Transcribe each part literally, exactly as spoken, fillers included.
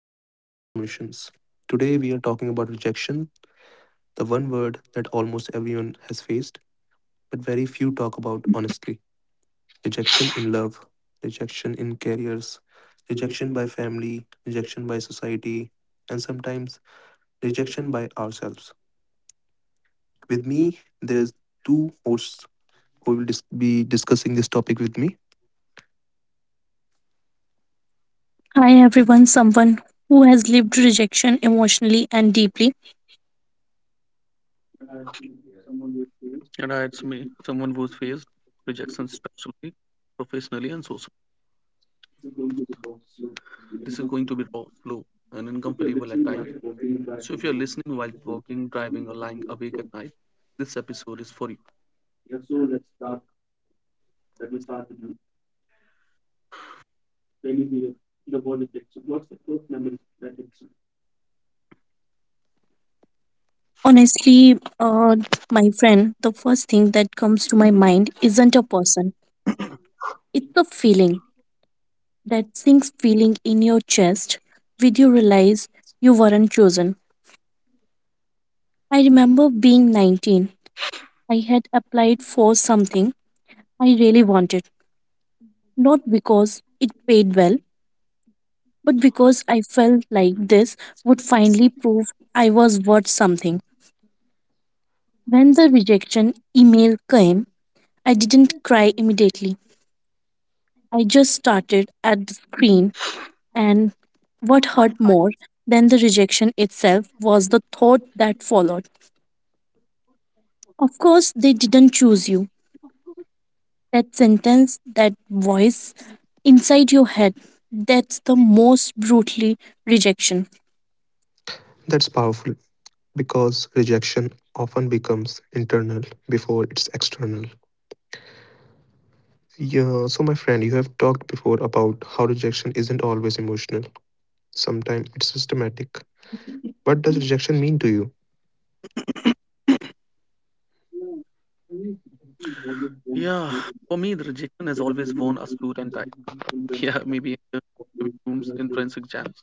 or overnight transformations. Today we are talking about rejection, the one word that almost everyone has faced, but very few talk about honestly. Rejection in love, rejection in careers, rejection by family, rejection by society, and sometimes rejection by ourselves. With me, there's two hosts who will dis- be discussing this topic with me. Hi everyone, someone who has lived rejection emotionally and deeply. And I, it's me, someone who's faced rejection structurally, professionally, and socially. This is going to be raw, slow, and uncomfortable at times. So if you're listening while walking, driving, or lying awake at night, this episode is for you. Yeah, so let's start. Let me start with you. When you hear the word rejection, what's the first memory that hits Honestly, uh, my friend, the first thing that comes to my mind isn't a person, it's a feeling, that sinks feeling in your chest with you realize you weren't chosen. I remember being nineteen. I had applied for something I really wanted, not because it paid well, but because I felt like this would finally prove I was worth something. When the rejection email came, I didn't cry immediately. I just started at the screen, and what hurt more than the rejection itself was the thought that followed. Of course, they didn't choose you. That sentence, that voice inside your head, that's the most brutally rejection. That's powerful because rejection often becomes internal before it's external. Yeah, so my friend, you have talked before about how rejection isn't always emotional. Sometimes it's systematic. you? What does rejection mean to you? Yeah, for me, the rejection has always worn a suit and tie. Yeah, maybe in the rooms, entrance exams, shortlist, message,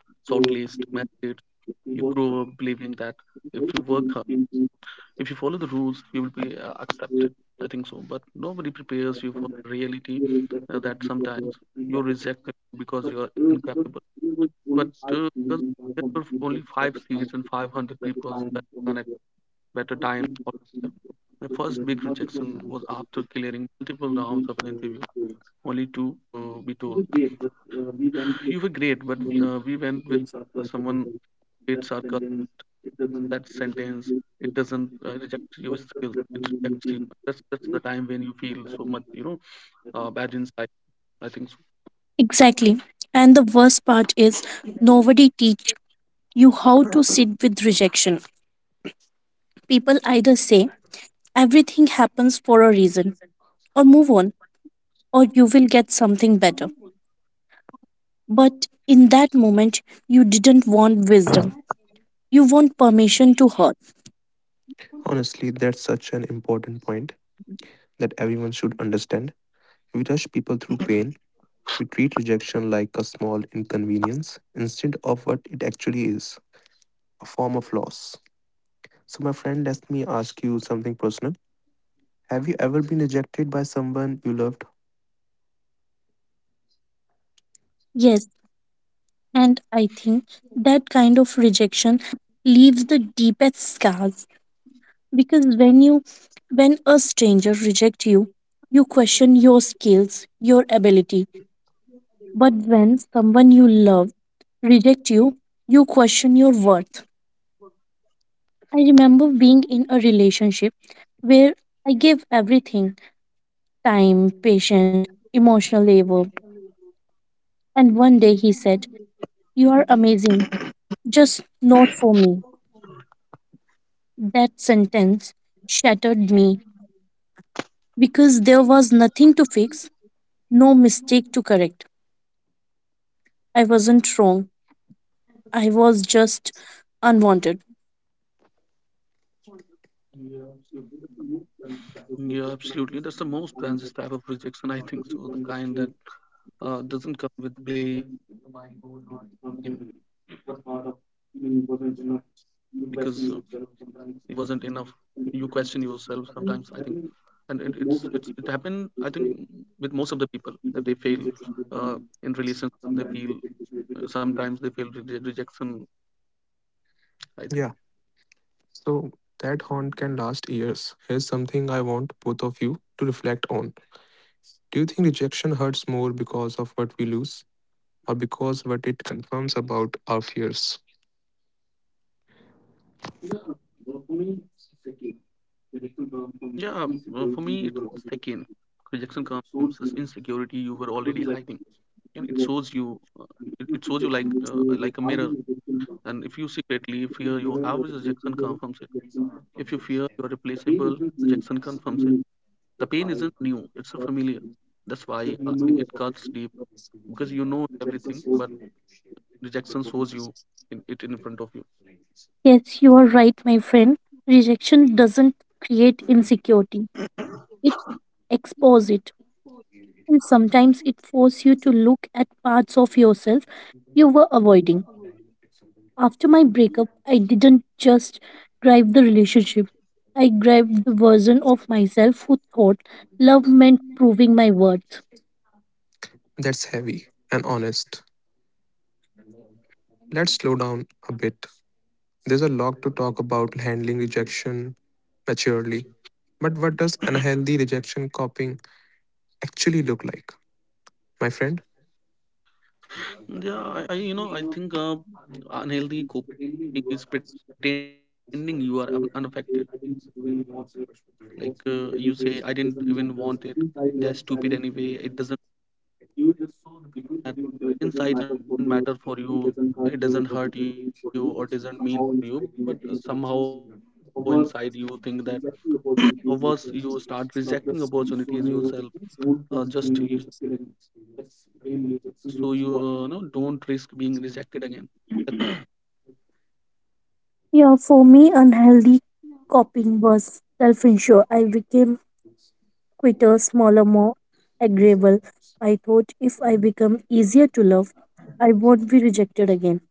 you grow up believing that if you work hard, if you follow the rules, you will be uh, accepted. I think so. But nobody prepares you for reality, uh, that sometimes you're rejected because you're incapable. But uh, because there were only five seats and five hundred people that than at better time. Or my first big rejection was after clearing multiple rounds of an interview, only to uh, be told, "You were great, but uh, we went with someone great circle." That sentence, it doesn't uh, reject your skills, it rejects you. That's that's the time when you feel so much, you know, uh, bad inside, I think so. Exactly. And the worst part is nobody teach you how to sit with rejection. People either say everything happens for a reason, or move on, or you will get something better. But in that moment, you didn't want wisdom, you want permission to hurt. Honestly, that's such an important point that everyone should understand. We rush people through pain. We treat rejection like a small inconvenience instead of what it actually is, a form of loss. So, my friend, let me ask you something personal. Have you ever been rejected by someone you loved? Yes, and I think that kind of rejection leaves the deepest scars because when you when a stranger rejects you, you question your skills, your ability, but when someone you love reject you, you question your worth. I remember being in a relationship where I gave everything, time, patience, emotional labor. And one day he said, You are amazing, just not for me. That sentence shattered me because there was nothing to fix, no mistake to correct. I wasn't wrong, I was just unwanted. Yeah, absolutely, that's the most dangerous type of rejection, I think so. The kind that uh, doesn't come with blame, because uh, you know then your mind goes hunt, hunting, what part of me wasn't enough? You question yourself sometimes, I think. And it, it's it's it happened, I think, with most of the people, that they fail uh, in relations. They feel, sometimes they feel re- rejection, I think. Yeah, so that haunt can last years. Here's something I want both of you to reflect on. Do you think rejection hurts more because of what we lose or because what it confirms about our fears? Yeah, uh, for me it's the second. Rejection comes, this insecurity you were already hiding, and it shows you, uh, it, it shows you like, uh, like a mirror. And if you secretly fear your average, rejection confirms it. If you fear you are replaceable, rejection confirms it. The pain isn't new, it's a familiar. That's why I think it cuts deep, because you know everything, but rejection shows you in, it in front of you. Yes, you are right, my friend. Rejection doesn't create insecurity, it exposes it. And sometimes it forces you to look at parts of yourself you were avoiding. After my breakup, I didn't just grieve the relationship. I grieved the version of myself who thought love meant proving my worth. That's heavy and honest. Let's slow down a bit. There's a lot to talk about handling rejection maturely. But what does unhealthy rejection coping actually look like? My friend, Yeah, I, I you know I think uh, unhealthy coping is pretending you are un- unaffected. Like, uh, you say, "I didn't even want it. They're stupid anyway. It doesn't matter." Inside, you are carrying resentment. You just show the people that you, uh, it doesn't matter for you. It doesn't hurt you or doesn't mean for you. But uh, somehow inside, you think that. Or worse, you start rejecting opportunities yourself. Uh, just you, so you, uh, know, don't risk being rejected again. That's when rejection wins twice. Yeah, for me, unhealthy coping was self-insure. I became quitter, smaller, more agreeable. I thought if I become easier to love, I won't be rejected again.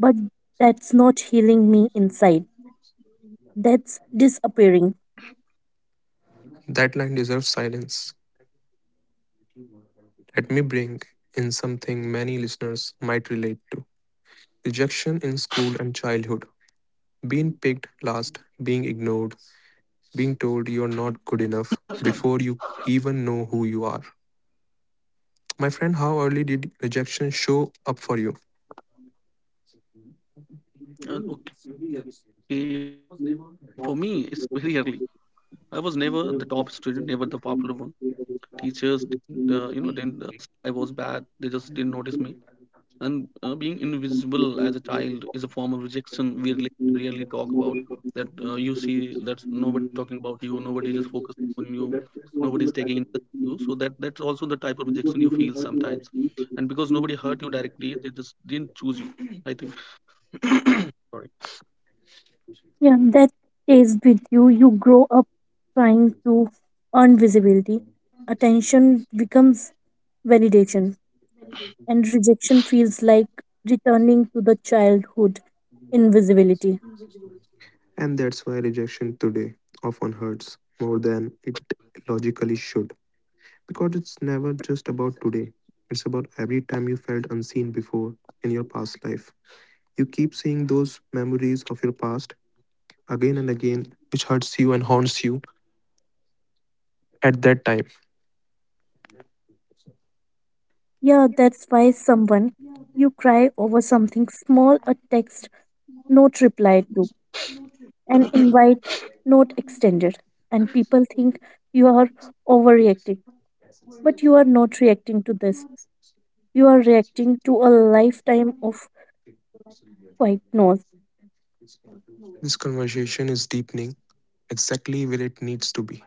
But that's not healing me inside. That's disappearing. that line deserves silence. Let me bring in something many listeners might relate to rejection in school and childhood. Being picked last, being ignored, being told you're not good enough before you even know who you are. My friend, how early did rejection show up for you? Uh, okay, for me, it's very early. I was never the top student, never the popular one. Teachers didn't, uh, you know, didn't. Uh, I was bad. They just didn't notice me. And uh, being invisible as a child is a form of rejection we really, really talk about. That uh, you see that nobody talking about you, nobody just focused on you, nobody's taking interest in you. So that that's also the type of rejection you feel sometimes. And because nobody hurt you directly, they just didn't choose you. I think. Sorry. Yeah, that stays with you. You grow up trying to earn visibility. Attention becomes validation, and rejection feels like returning to the childhood invisibility. And that's why rejection today often hurts more than it logically should. Because it's never just about today, it's about every time you felt unseen before in your past life. You keep seeing those memories of your past again and again, which hurts you and haunts you at that time. Yeah, that's why someone, you cry over something small, a text not replied to, an invite not extended, and people think you are overreacting, but you are not reacting to this. You are reacting to a lifetime of white noise. This conversation is deepening exactly where it needs to be.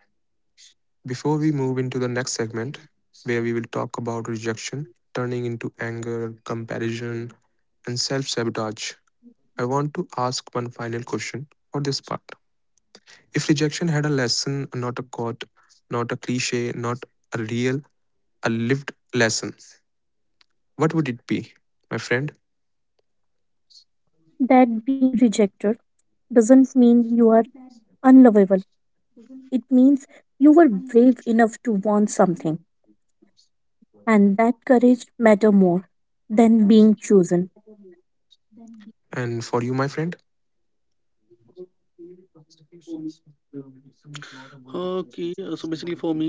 Before we move into the next segment, where we will talk about rejection turning into anger, comparison, and self sabotage, I want to ask one final question for this part. If rejection had a lesson, not a quote, not a cliche, not a real, a lived lesson, what would it be, my friend? That being rejected doesn't mean you are unlovable. It means you were brave enough to want something, and that courage matter more than being chosen. And for you, my friend, Huh, okay, uh, so basically for me, re- uh, rejection is not a verdict. I think uh, it's a direction,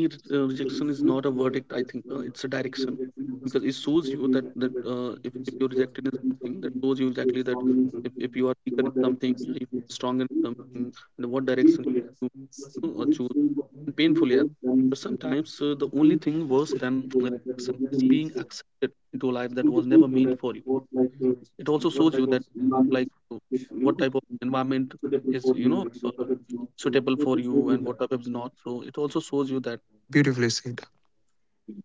because it shows you that, that uh, if if you're rejected in something, that shows you exactly that, if, if you are weaker in something, uh, if you're stronger in something, and what direction you, you know, uh, choose. And painfully, yeah. But sometimes uh, the only thing worse than rejection is being accepted into a life that was never meant for you. It also shows you that, like, uh, what type of environment is, you know, uh, suitable for you, and what type is not, so it also shows you that. beautifully said.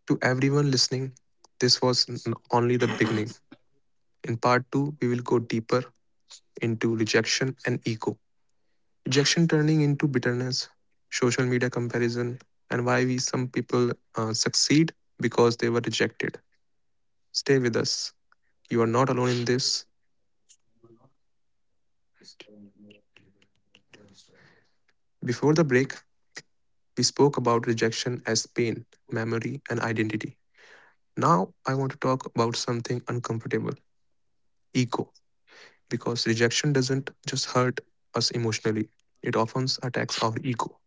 To everyone listening, this was n- only the beginning. In part two, we will go deeper into rejection and ego. Rejection turning into bitterness, social media comparison, and why we some people uh, succeed because they were rejected. Stay with us. You are not alone in this. Before the break, we spoke about rejection as pain, memory, and identity. Now, I want to talk about something uncomfortable, ego. Because rejection doesn't just hurt us emotionally, it often attacks our ego.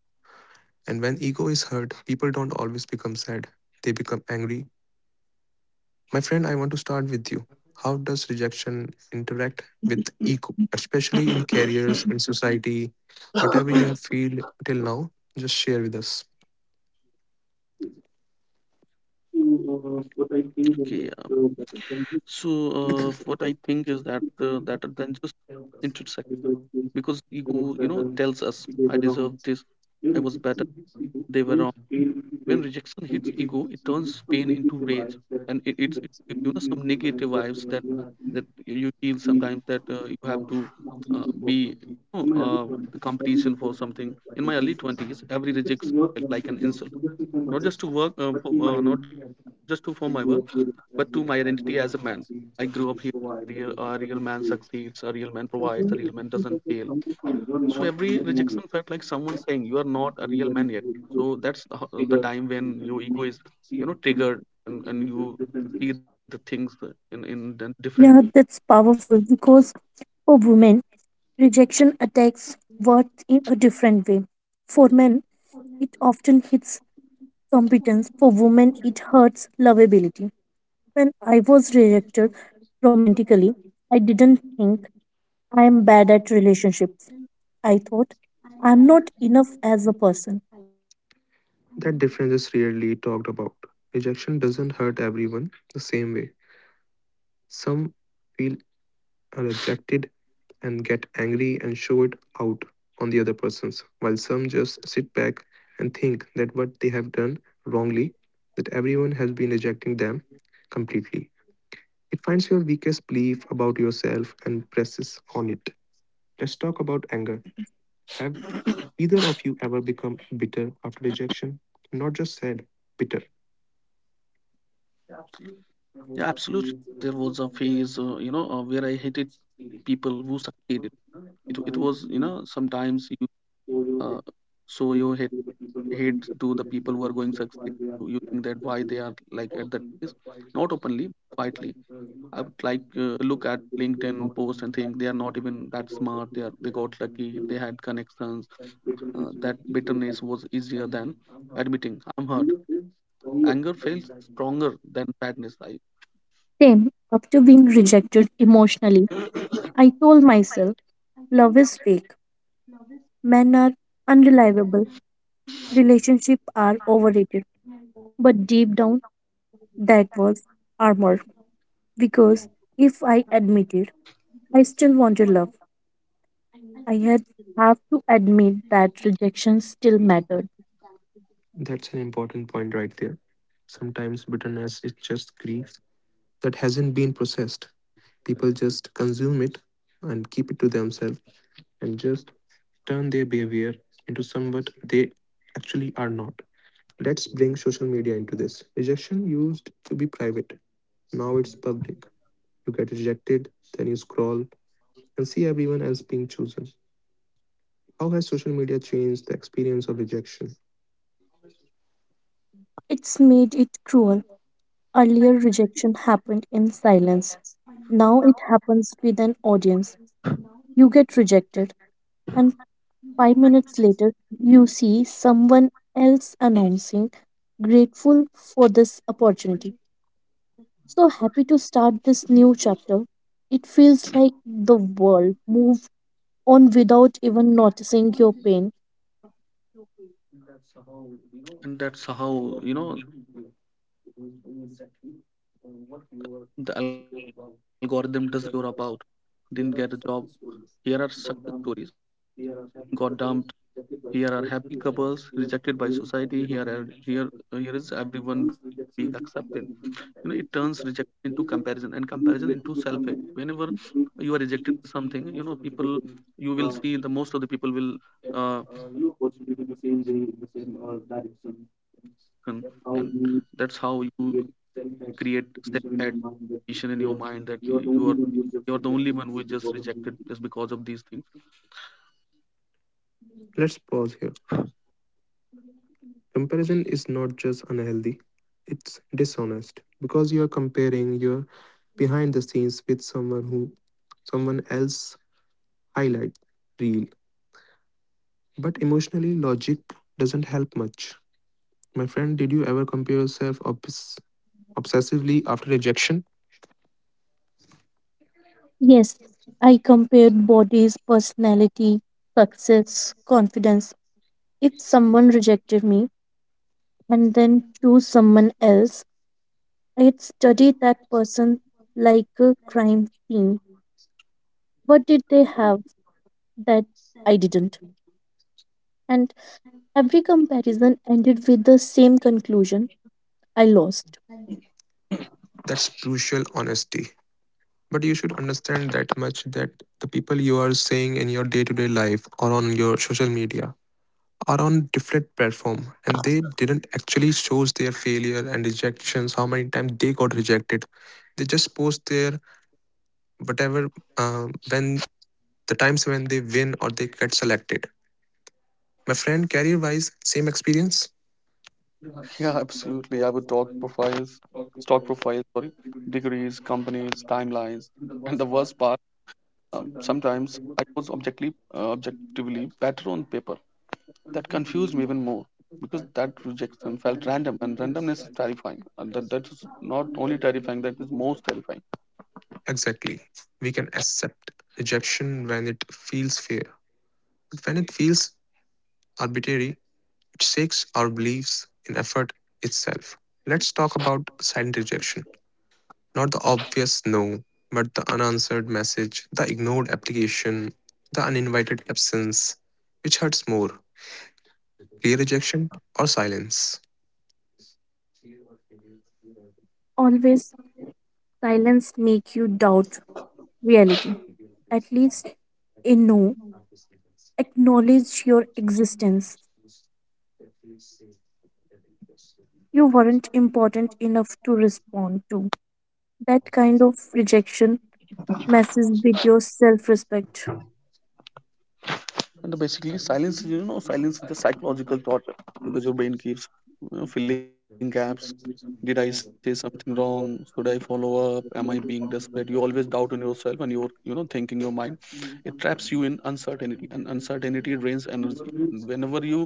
And when ego is hurt, people don't always become sad, they become angry. My friend, I want to start with you. How does rejection interact with ego, especially in careers, in Okay. society, whatever you have feel till now? Just share with us. Yeah. So uh, That what I think is that, uh, that are then just intersect, because ego, you know, tells us, "I deserve this, I was better, they were wrong." When rejection hits ego, it turns pain into rage. And it, it's it, it, you know, some negative vibes, that that you feel sometimes, that uh, you have to, uh, be, you know, uh, the competition for something. In my early twenties every rejection felt like an insult, not just to work, uh, for, uh, not just to for my work, but to my identity as a man. I grew up here. Real, a real man succeeds, a real man provides, a real man doesn't fail. So every rejection felt like someone saying, "You are not a real man yet." So that's the, ho- the time when your ego is, you know, triggered, and, and you see the things uh, in in a different way. Yeah, that's powerful because for women, rejection attacks worth in a different way. For men, it often hits competence. For women, it hurts lovability. When I was rejected romantically, I didn't think I am bad at relationships. I thought I'm not enough as a person. difference is rarely talked about. Rejection doesn't hurt everyone the same way. Some feel rejected and get angry and show it out on the other persons, while some just sit back and think that what they have done wrongly, that everyone has been rejecting them completely. It finds your weakest belief about yourself and presses on it. Let's talk about anger. Have either of you ever become bitter after rejection? Not just sad, bitter. Yeah, absolutely. There was a phase, uh, you know, uh, where I hated people who succeeded. It it was, you know, sometimes you, uh, so you hate hate That's to the people who are going an succeed. You think that why they are like at that place, not openly, quietly. I would, like, uh, look at LinkedIn post and think they are not even that smart. They are they got lucky. They had connections. Uh, that bitterness was easier than admitting I'm hurt. Anger feels stronger than sadness. I Same after being rejected emotionally, I told myself love is fake, men are unreliable, relationships are overrated. But deep down, that was armor. Because if I admitted I still wanted love, I had have to admit that rejection still mattered. important point right there. Sometimes bitterness is just grief that hasn't been processed. People just consume it and keep it to themselves and just turn their behavior into somewhat they actually are not. Let's bring social media into this. Rejection used to be private, now it's public. You get rejected, then you scroll and see everyone else being chosen. How has social media changed the experience of rejection? It's made it cruel. Earlier, rejection happened in silence. Now it happens with an audience. You get rejected, and five minutes later, you see someone else announcing, grateful for this opportunity. So happy to start this new chapter. It feels like the world moved on without even noticing your pain. and that's how you know the algorithm doesn't care. It will show you exactly uh, what you are insecure about. Didn't get a job. Here are success stories. Got dumped. Here are happy couples rejected by society. Here are, here here is everyone being accepted. You know, it turns rejection into comparison and comparison into self hate. Whenever you are rejected for something, you know, people, you will see the most of the people will, uh, uh, get, uh, you know, opportunities in the same way, in the same uh, direction, and that's how you create self hate in your mind, that you are you are the only one who is just rejected just because of these things. Let's pause here. Comparison is not just unhealthy, it's dishonest because you are comparing your behind the scenes with someone who someone else highlight reel, but emotionally, logic doesn't help much. My friend, did you ever compare yourself obs- obsessively after rejection? Yes, I compared bodies, personality, success, confidence. If someone rejected me, and then choose someone else, I'd study that person like a crime scene. What did they have that I didn't? And every comparison ended with the same conclusion, I lost. That's crucial honesty. But you should understand that much that the people you are seeing in your day to day life or on your social media are on different platform and they didn't actually shows their failure and rejections how many times they got rejected. They just post their whatever um, when the times when they win or they get selected. My friend, career wise, same experience? Yeah, absolutely. I would talk profiles, stock profiles, sorry, degrees, companies, timelines, and the worst part, um, sometimes I was, objectively, uh, objectively better on paper. That confused me even more, because that rejection felt random, and randomness is terrifying. And that, that is not only terrifying; that is most terrifying. Exactly. We can accept rejection when it feels fair, but when it feels arbitrary, it shakes our beliefs in effort itself. Let's talk about silent rejection. Not the obvious no, but the unanswered message, the ignored application, the uninvited absence. Which hurts more, clear rejection or silence? Always silence make you doubt reality. At least a no, acknowledge your existence. You weren't important enough to respond to. That kind of rejection messes with your self respect. And basically, silence is, you know, silence is a psychological torture, because your brain keeps, you know, filling gaps. Did I say something wrong? Should I follow up? Am I being desperate? You always doubt on yourself, and you're, you know, thinking your mind. It traps you in uncertainty, and uncertainty drains energy. Whenever you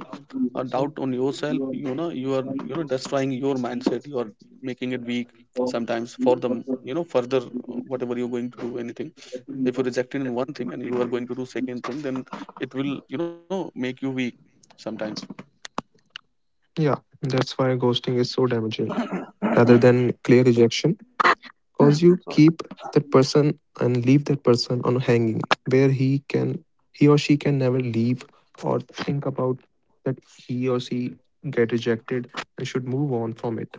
uh, doubt on yourself, you know, you are, you know, destroying your mindset. You are making it weak sometimes for the, you know, further, uh, whatever you're going to do, anything. If you are rejected in one thing and you are going to do second thing, then it will, you know, make you weak sometimes. Yeah, that's why ghosting is so damaging. Rather than clear rejection, cause you keep that person and leave that person on hanging where he can he or she can never leave or think about that he or she get rejected and should move on from it.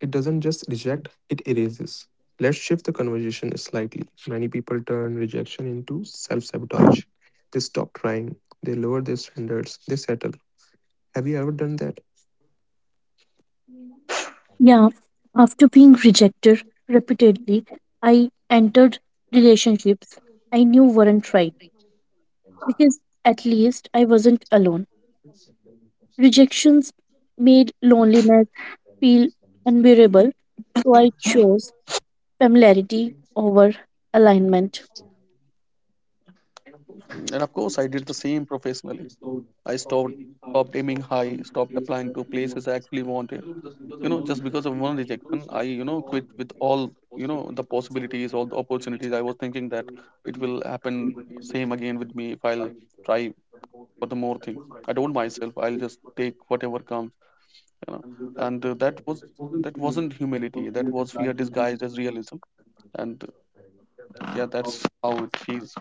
It doesn't just reject, it erases. Let's shift the conversation slightly. Many people turn rejection into self-sabotage. They stop trying, they lower their standards, they settle. Have you ever done that? Yeah, after being rejected repeatedly, I entered relationships I knew weren't right because at least I wasn't alone. Rejections made loneliness feel unbearable, so I chose familiarity over alignment. And of course I did the same professionally. I stopped stopped aiming high, stopped applying to places I actually wanted, you know, just because of one rejection, I, you know, quit with all, you know, the possibilities, all the opportunities. I was thinking that it will happen same again with me if I'll try for the more things. I don't myself, I'll just take whatever comes, you know. And uh, that was, that wasn't humility, that was fear disguised as realism. And yeah, that's how it feels.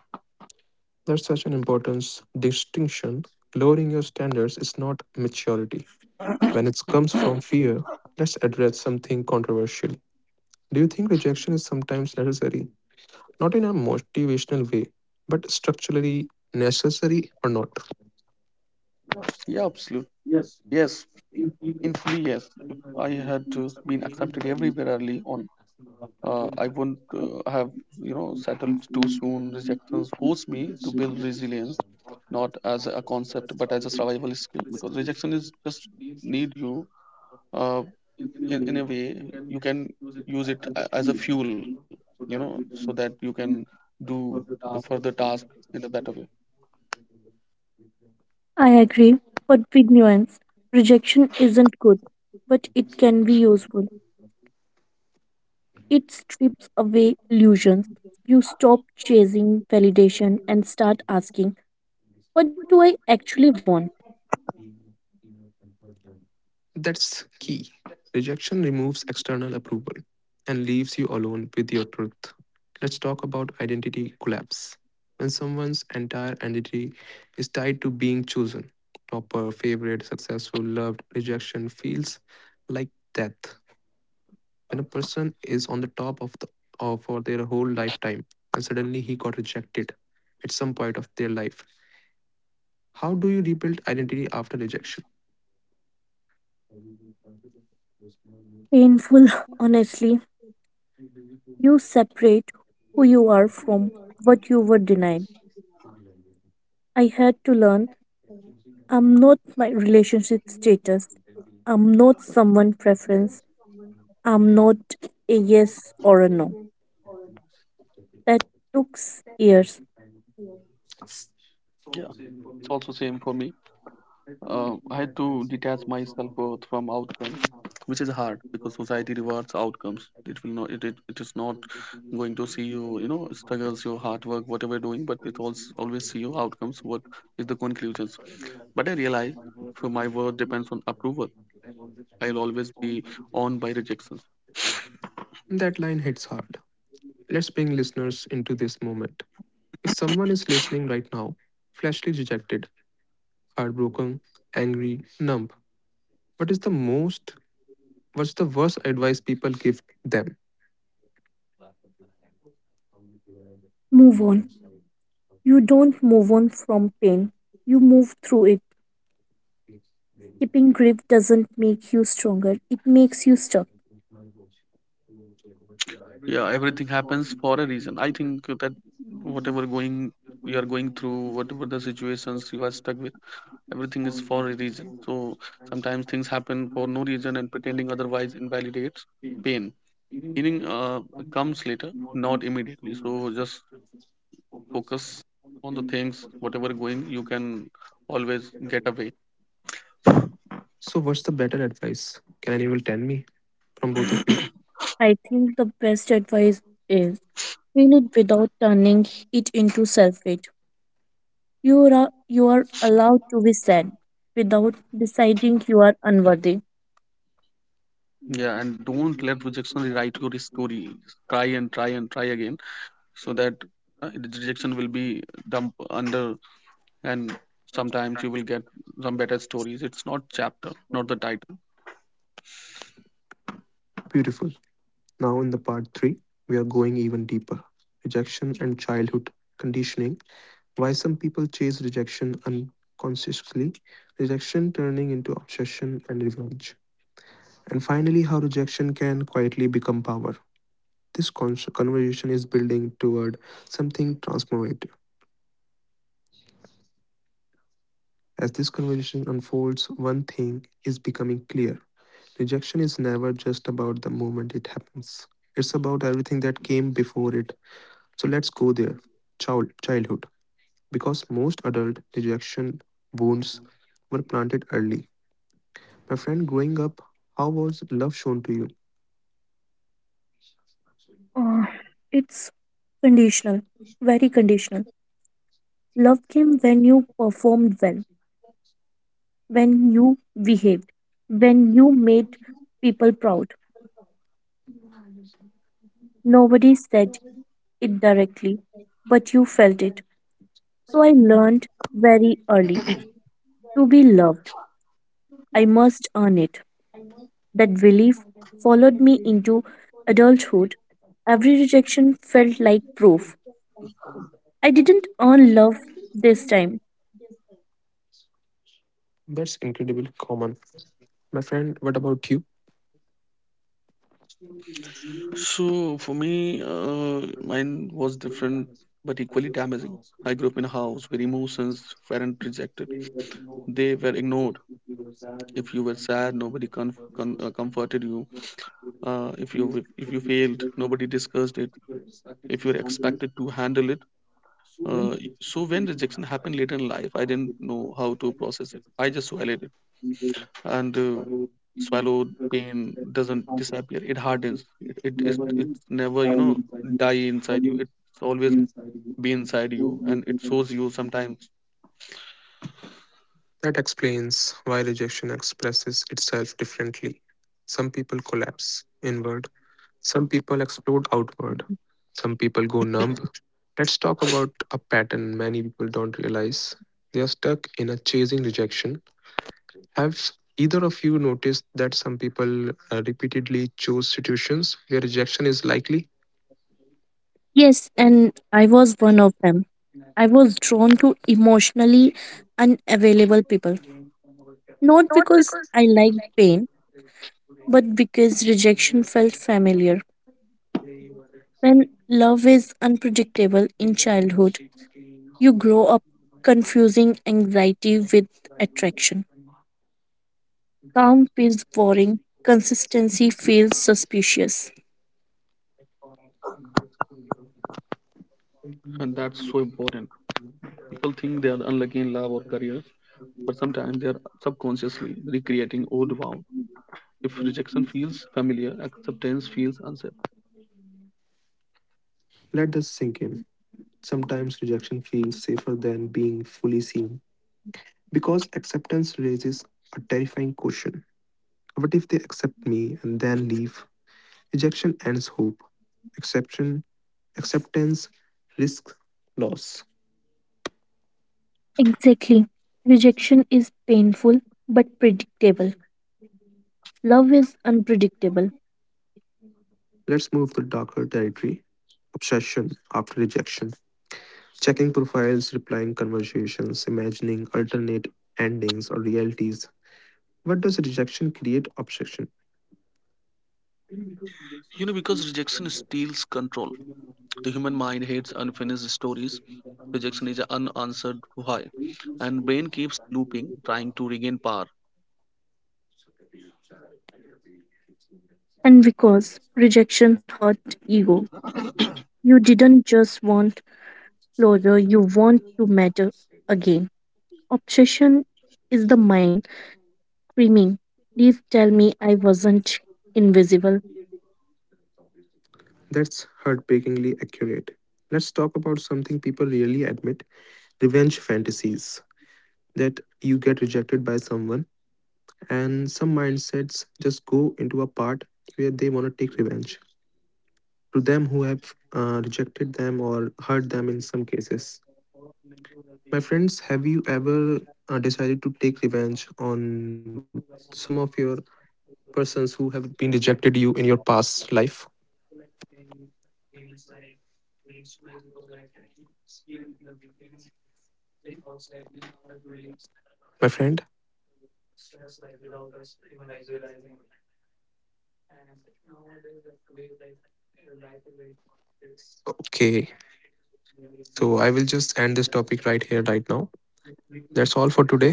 There's such an important distinction. Lowering your standards is not maturity. When it comes from fear, let's address something controversial. Do you think rejection is sometimes necessary? Not in a motivational way, but structurally necessary or not? Yeah, absolutely, yes, in fully yes. If I had to been accepted everywhere early on, uh, I wouldn't uh, have, you know, settled too soon. Rejections force me to build resilience, not as a concept but as a survival skill, because rejection is just need you, uh, in, in a way, you can use it a- as a fuel, you know, so that you can do the further task in a better way. I agree, but with nuance, rejection isn't good, but it can be useful. It strips away illusions. You stop chasing validation and start asking, What do I actually want? That's key. Rejection removes external approval and leaves you alone with your truth. Let's talk about identity collapse. When someone's entire identity is tied to being chosen, topper, favorite, successful, loved, rejection feels like death. When a person is on the top of the of for their whole lifetime and suddenly he got rejected at some point of their life, how do you rebuild identity after rejection? Painful, honestly. You separate who you are from what you were denied. I had to learn I'm not my relationship status, I'm not someone preference, I'm not a yes or a no. That took years. Yeah, it's also same for me. Uh, I had to detach myself both from outcomes, which is hard because society rewards outcomes. It will not. It, it, it is not going to see you. You know, struggles, your hard work, whatever you're doing, but it also always see your outcomes. What is the conclusions? But I realize, for my work depends on approval, I'll always be on by rejections. That line hits hard. Let's bring listeners into this moment. If someone is listening right now, fleshly rejected, heartbroken, angry, numb, what is the most, what's the worst advice people give them? Move on. You don't move on from pain, you move through it. Keeping grip doesn't make you stronger, it makes you stuck. Yeah, everything happens for a reason. I think that whatever going you are going through, whatever the situations you are stuck with, everything is for a reason. So sometimes things happen for no reason, and pretending otherwise invalidates pain. Healing uh, comes later, not immediately, so just focus on the things whatever going, you can always get away. So what's the better advice, can anyone tell me from both of you? I think the best advice is feel it without turning it into self hate. You are, you are allowed to be sad without deciding you are unworthy. Yeah, and don't let rejection rewrite your story. Just try and try and try again, so that uh, the rejection will be dumped under, and sometimes you will get some better stories. It's not chapter, not the title. Beautiful. Now, in the part three, we are going even deeper rejection and childhood conditioning. Why some people chase rejection unconsciously, rejection turning into obsession and revenge. And finally, how rejection can quietly become power. This con- conversation is building toward something transformative. As this conversation unfolds, one thing is becoming clear, rejection is never just about the moment it happens, it's about everything that came before it. So let's go there. Child, childhood. Because most adult rejection wounds were planted early. My friend, growing up, how was love shown to you? It's conditional, very conditional. Love came when you performed well, when you behaved, when you made people proud. Nobody said it directly, but you felt it. So I learned very early, to be loved, I must earn it. That belief followed me into adulthood. Every rejection felt like proof. I didn't earn love this time. That's incredibly common. My friend, what about you? So for me, uh, mine was different but equally damaging. I grew up in a house where emotions weren't rejected; they were ignored. If you were sad, nobody con- con- uh, comforted you. Uh, if you if you failed, nobody discussed it. If you were expected to handle it, uh, so when rejection happened later in life, I didn't know how to process it. I just swallowed it, and uh, swallowed pain doesn't disappear; it hardens. It it is it, it's never, you know, die inside you. It it's always be inside you, and it shows you sometimes. That explains why rejection expresses itself differently. Some people collapse inward, some people explode outward, some people go numb. Let's talk about a pattern many people don't realize. They are stuck in a chasing rejection. Have either of you noticed that some people uh, repeatedly choose situations where rejection is likely? Yes, and I was one of them. I was drawn to emotionally unavailable people. Not because I liked pain, but because rejection felt familiar. When love is unpredictable in childhood, you grow up confusing anxiety with attraction. Calm feels boring, consistency feels suspicious. And that's so important. People think they are unlucky in love or career, but sometimes they are subconsciously recreating old wounds. If rejection feels familiar, acceptance feels unsafe. Let this sink in. Sometimes rejection feels safer than being fully seen because acceptance raises a terrifying question. What if they accept me and then leave? Rejection ends hope. Exception, acceptance risks loss. Exactly. Rejection is painful but predictable. Love is unpredictable. Let's move to darker territory. Obsession after rejection. Checking profiles, replying conversations, imagining alternate endings or realities. What does rejection create obsession? You know, because rejection steals control, the human mind hates unfinished stories. Rejection is an unanswered why, and brain keeps looping trying to regain power. And because rejection hurt ego, you didn't just want closure, you want to matter again. Obsession is the mind screaming, Please tell me I wasn't invisible. That's heartbreakingly accurate. Let's talk about something people rarely admit, revenge fantasies. That you get rejected by someone, and some mindsets just go into a part where they want to take revenge to them who have uh, rejected them or hurt them in some cases. My friends, have you ever uh, decided to take revenge on some of your persons who have been rejected you in your past life? My friend? Okay. So I will just end this topic right here, right now. That's all for today.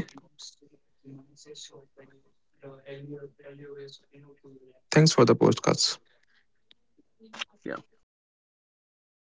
Thanks for the podcast Yeah.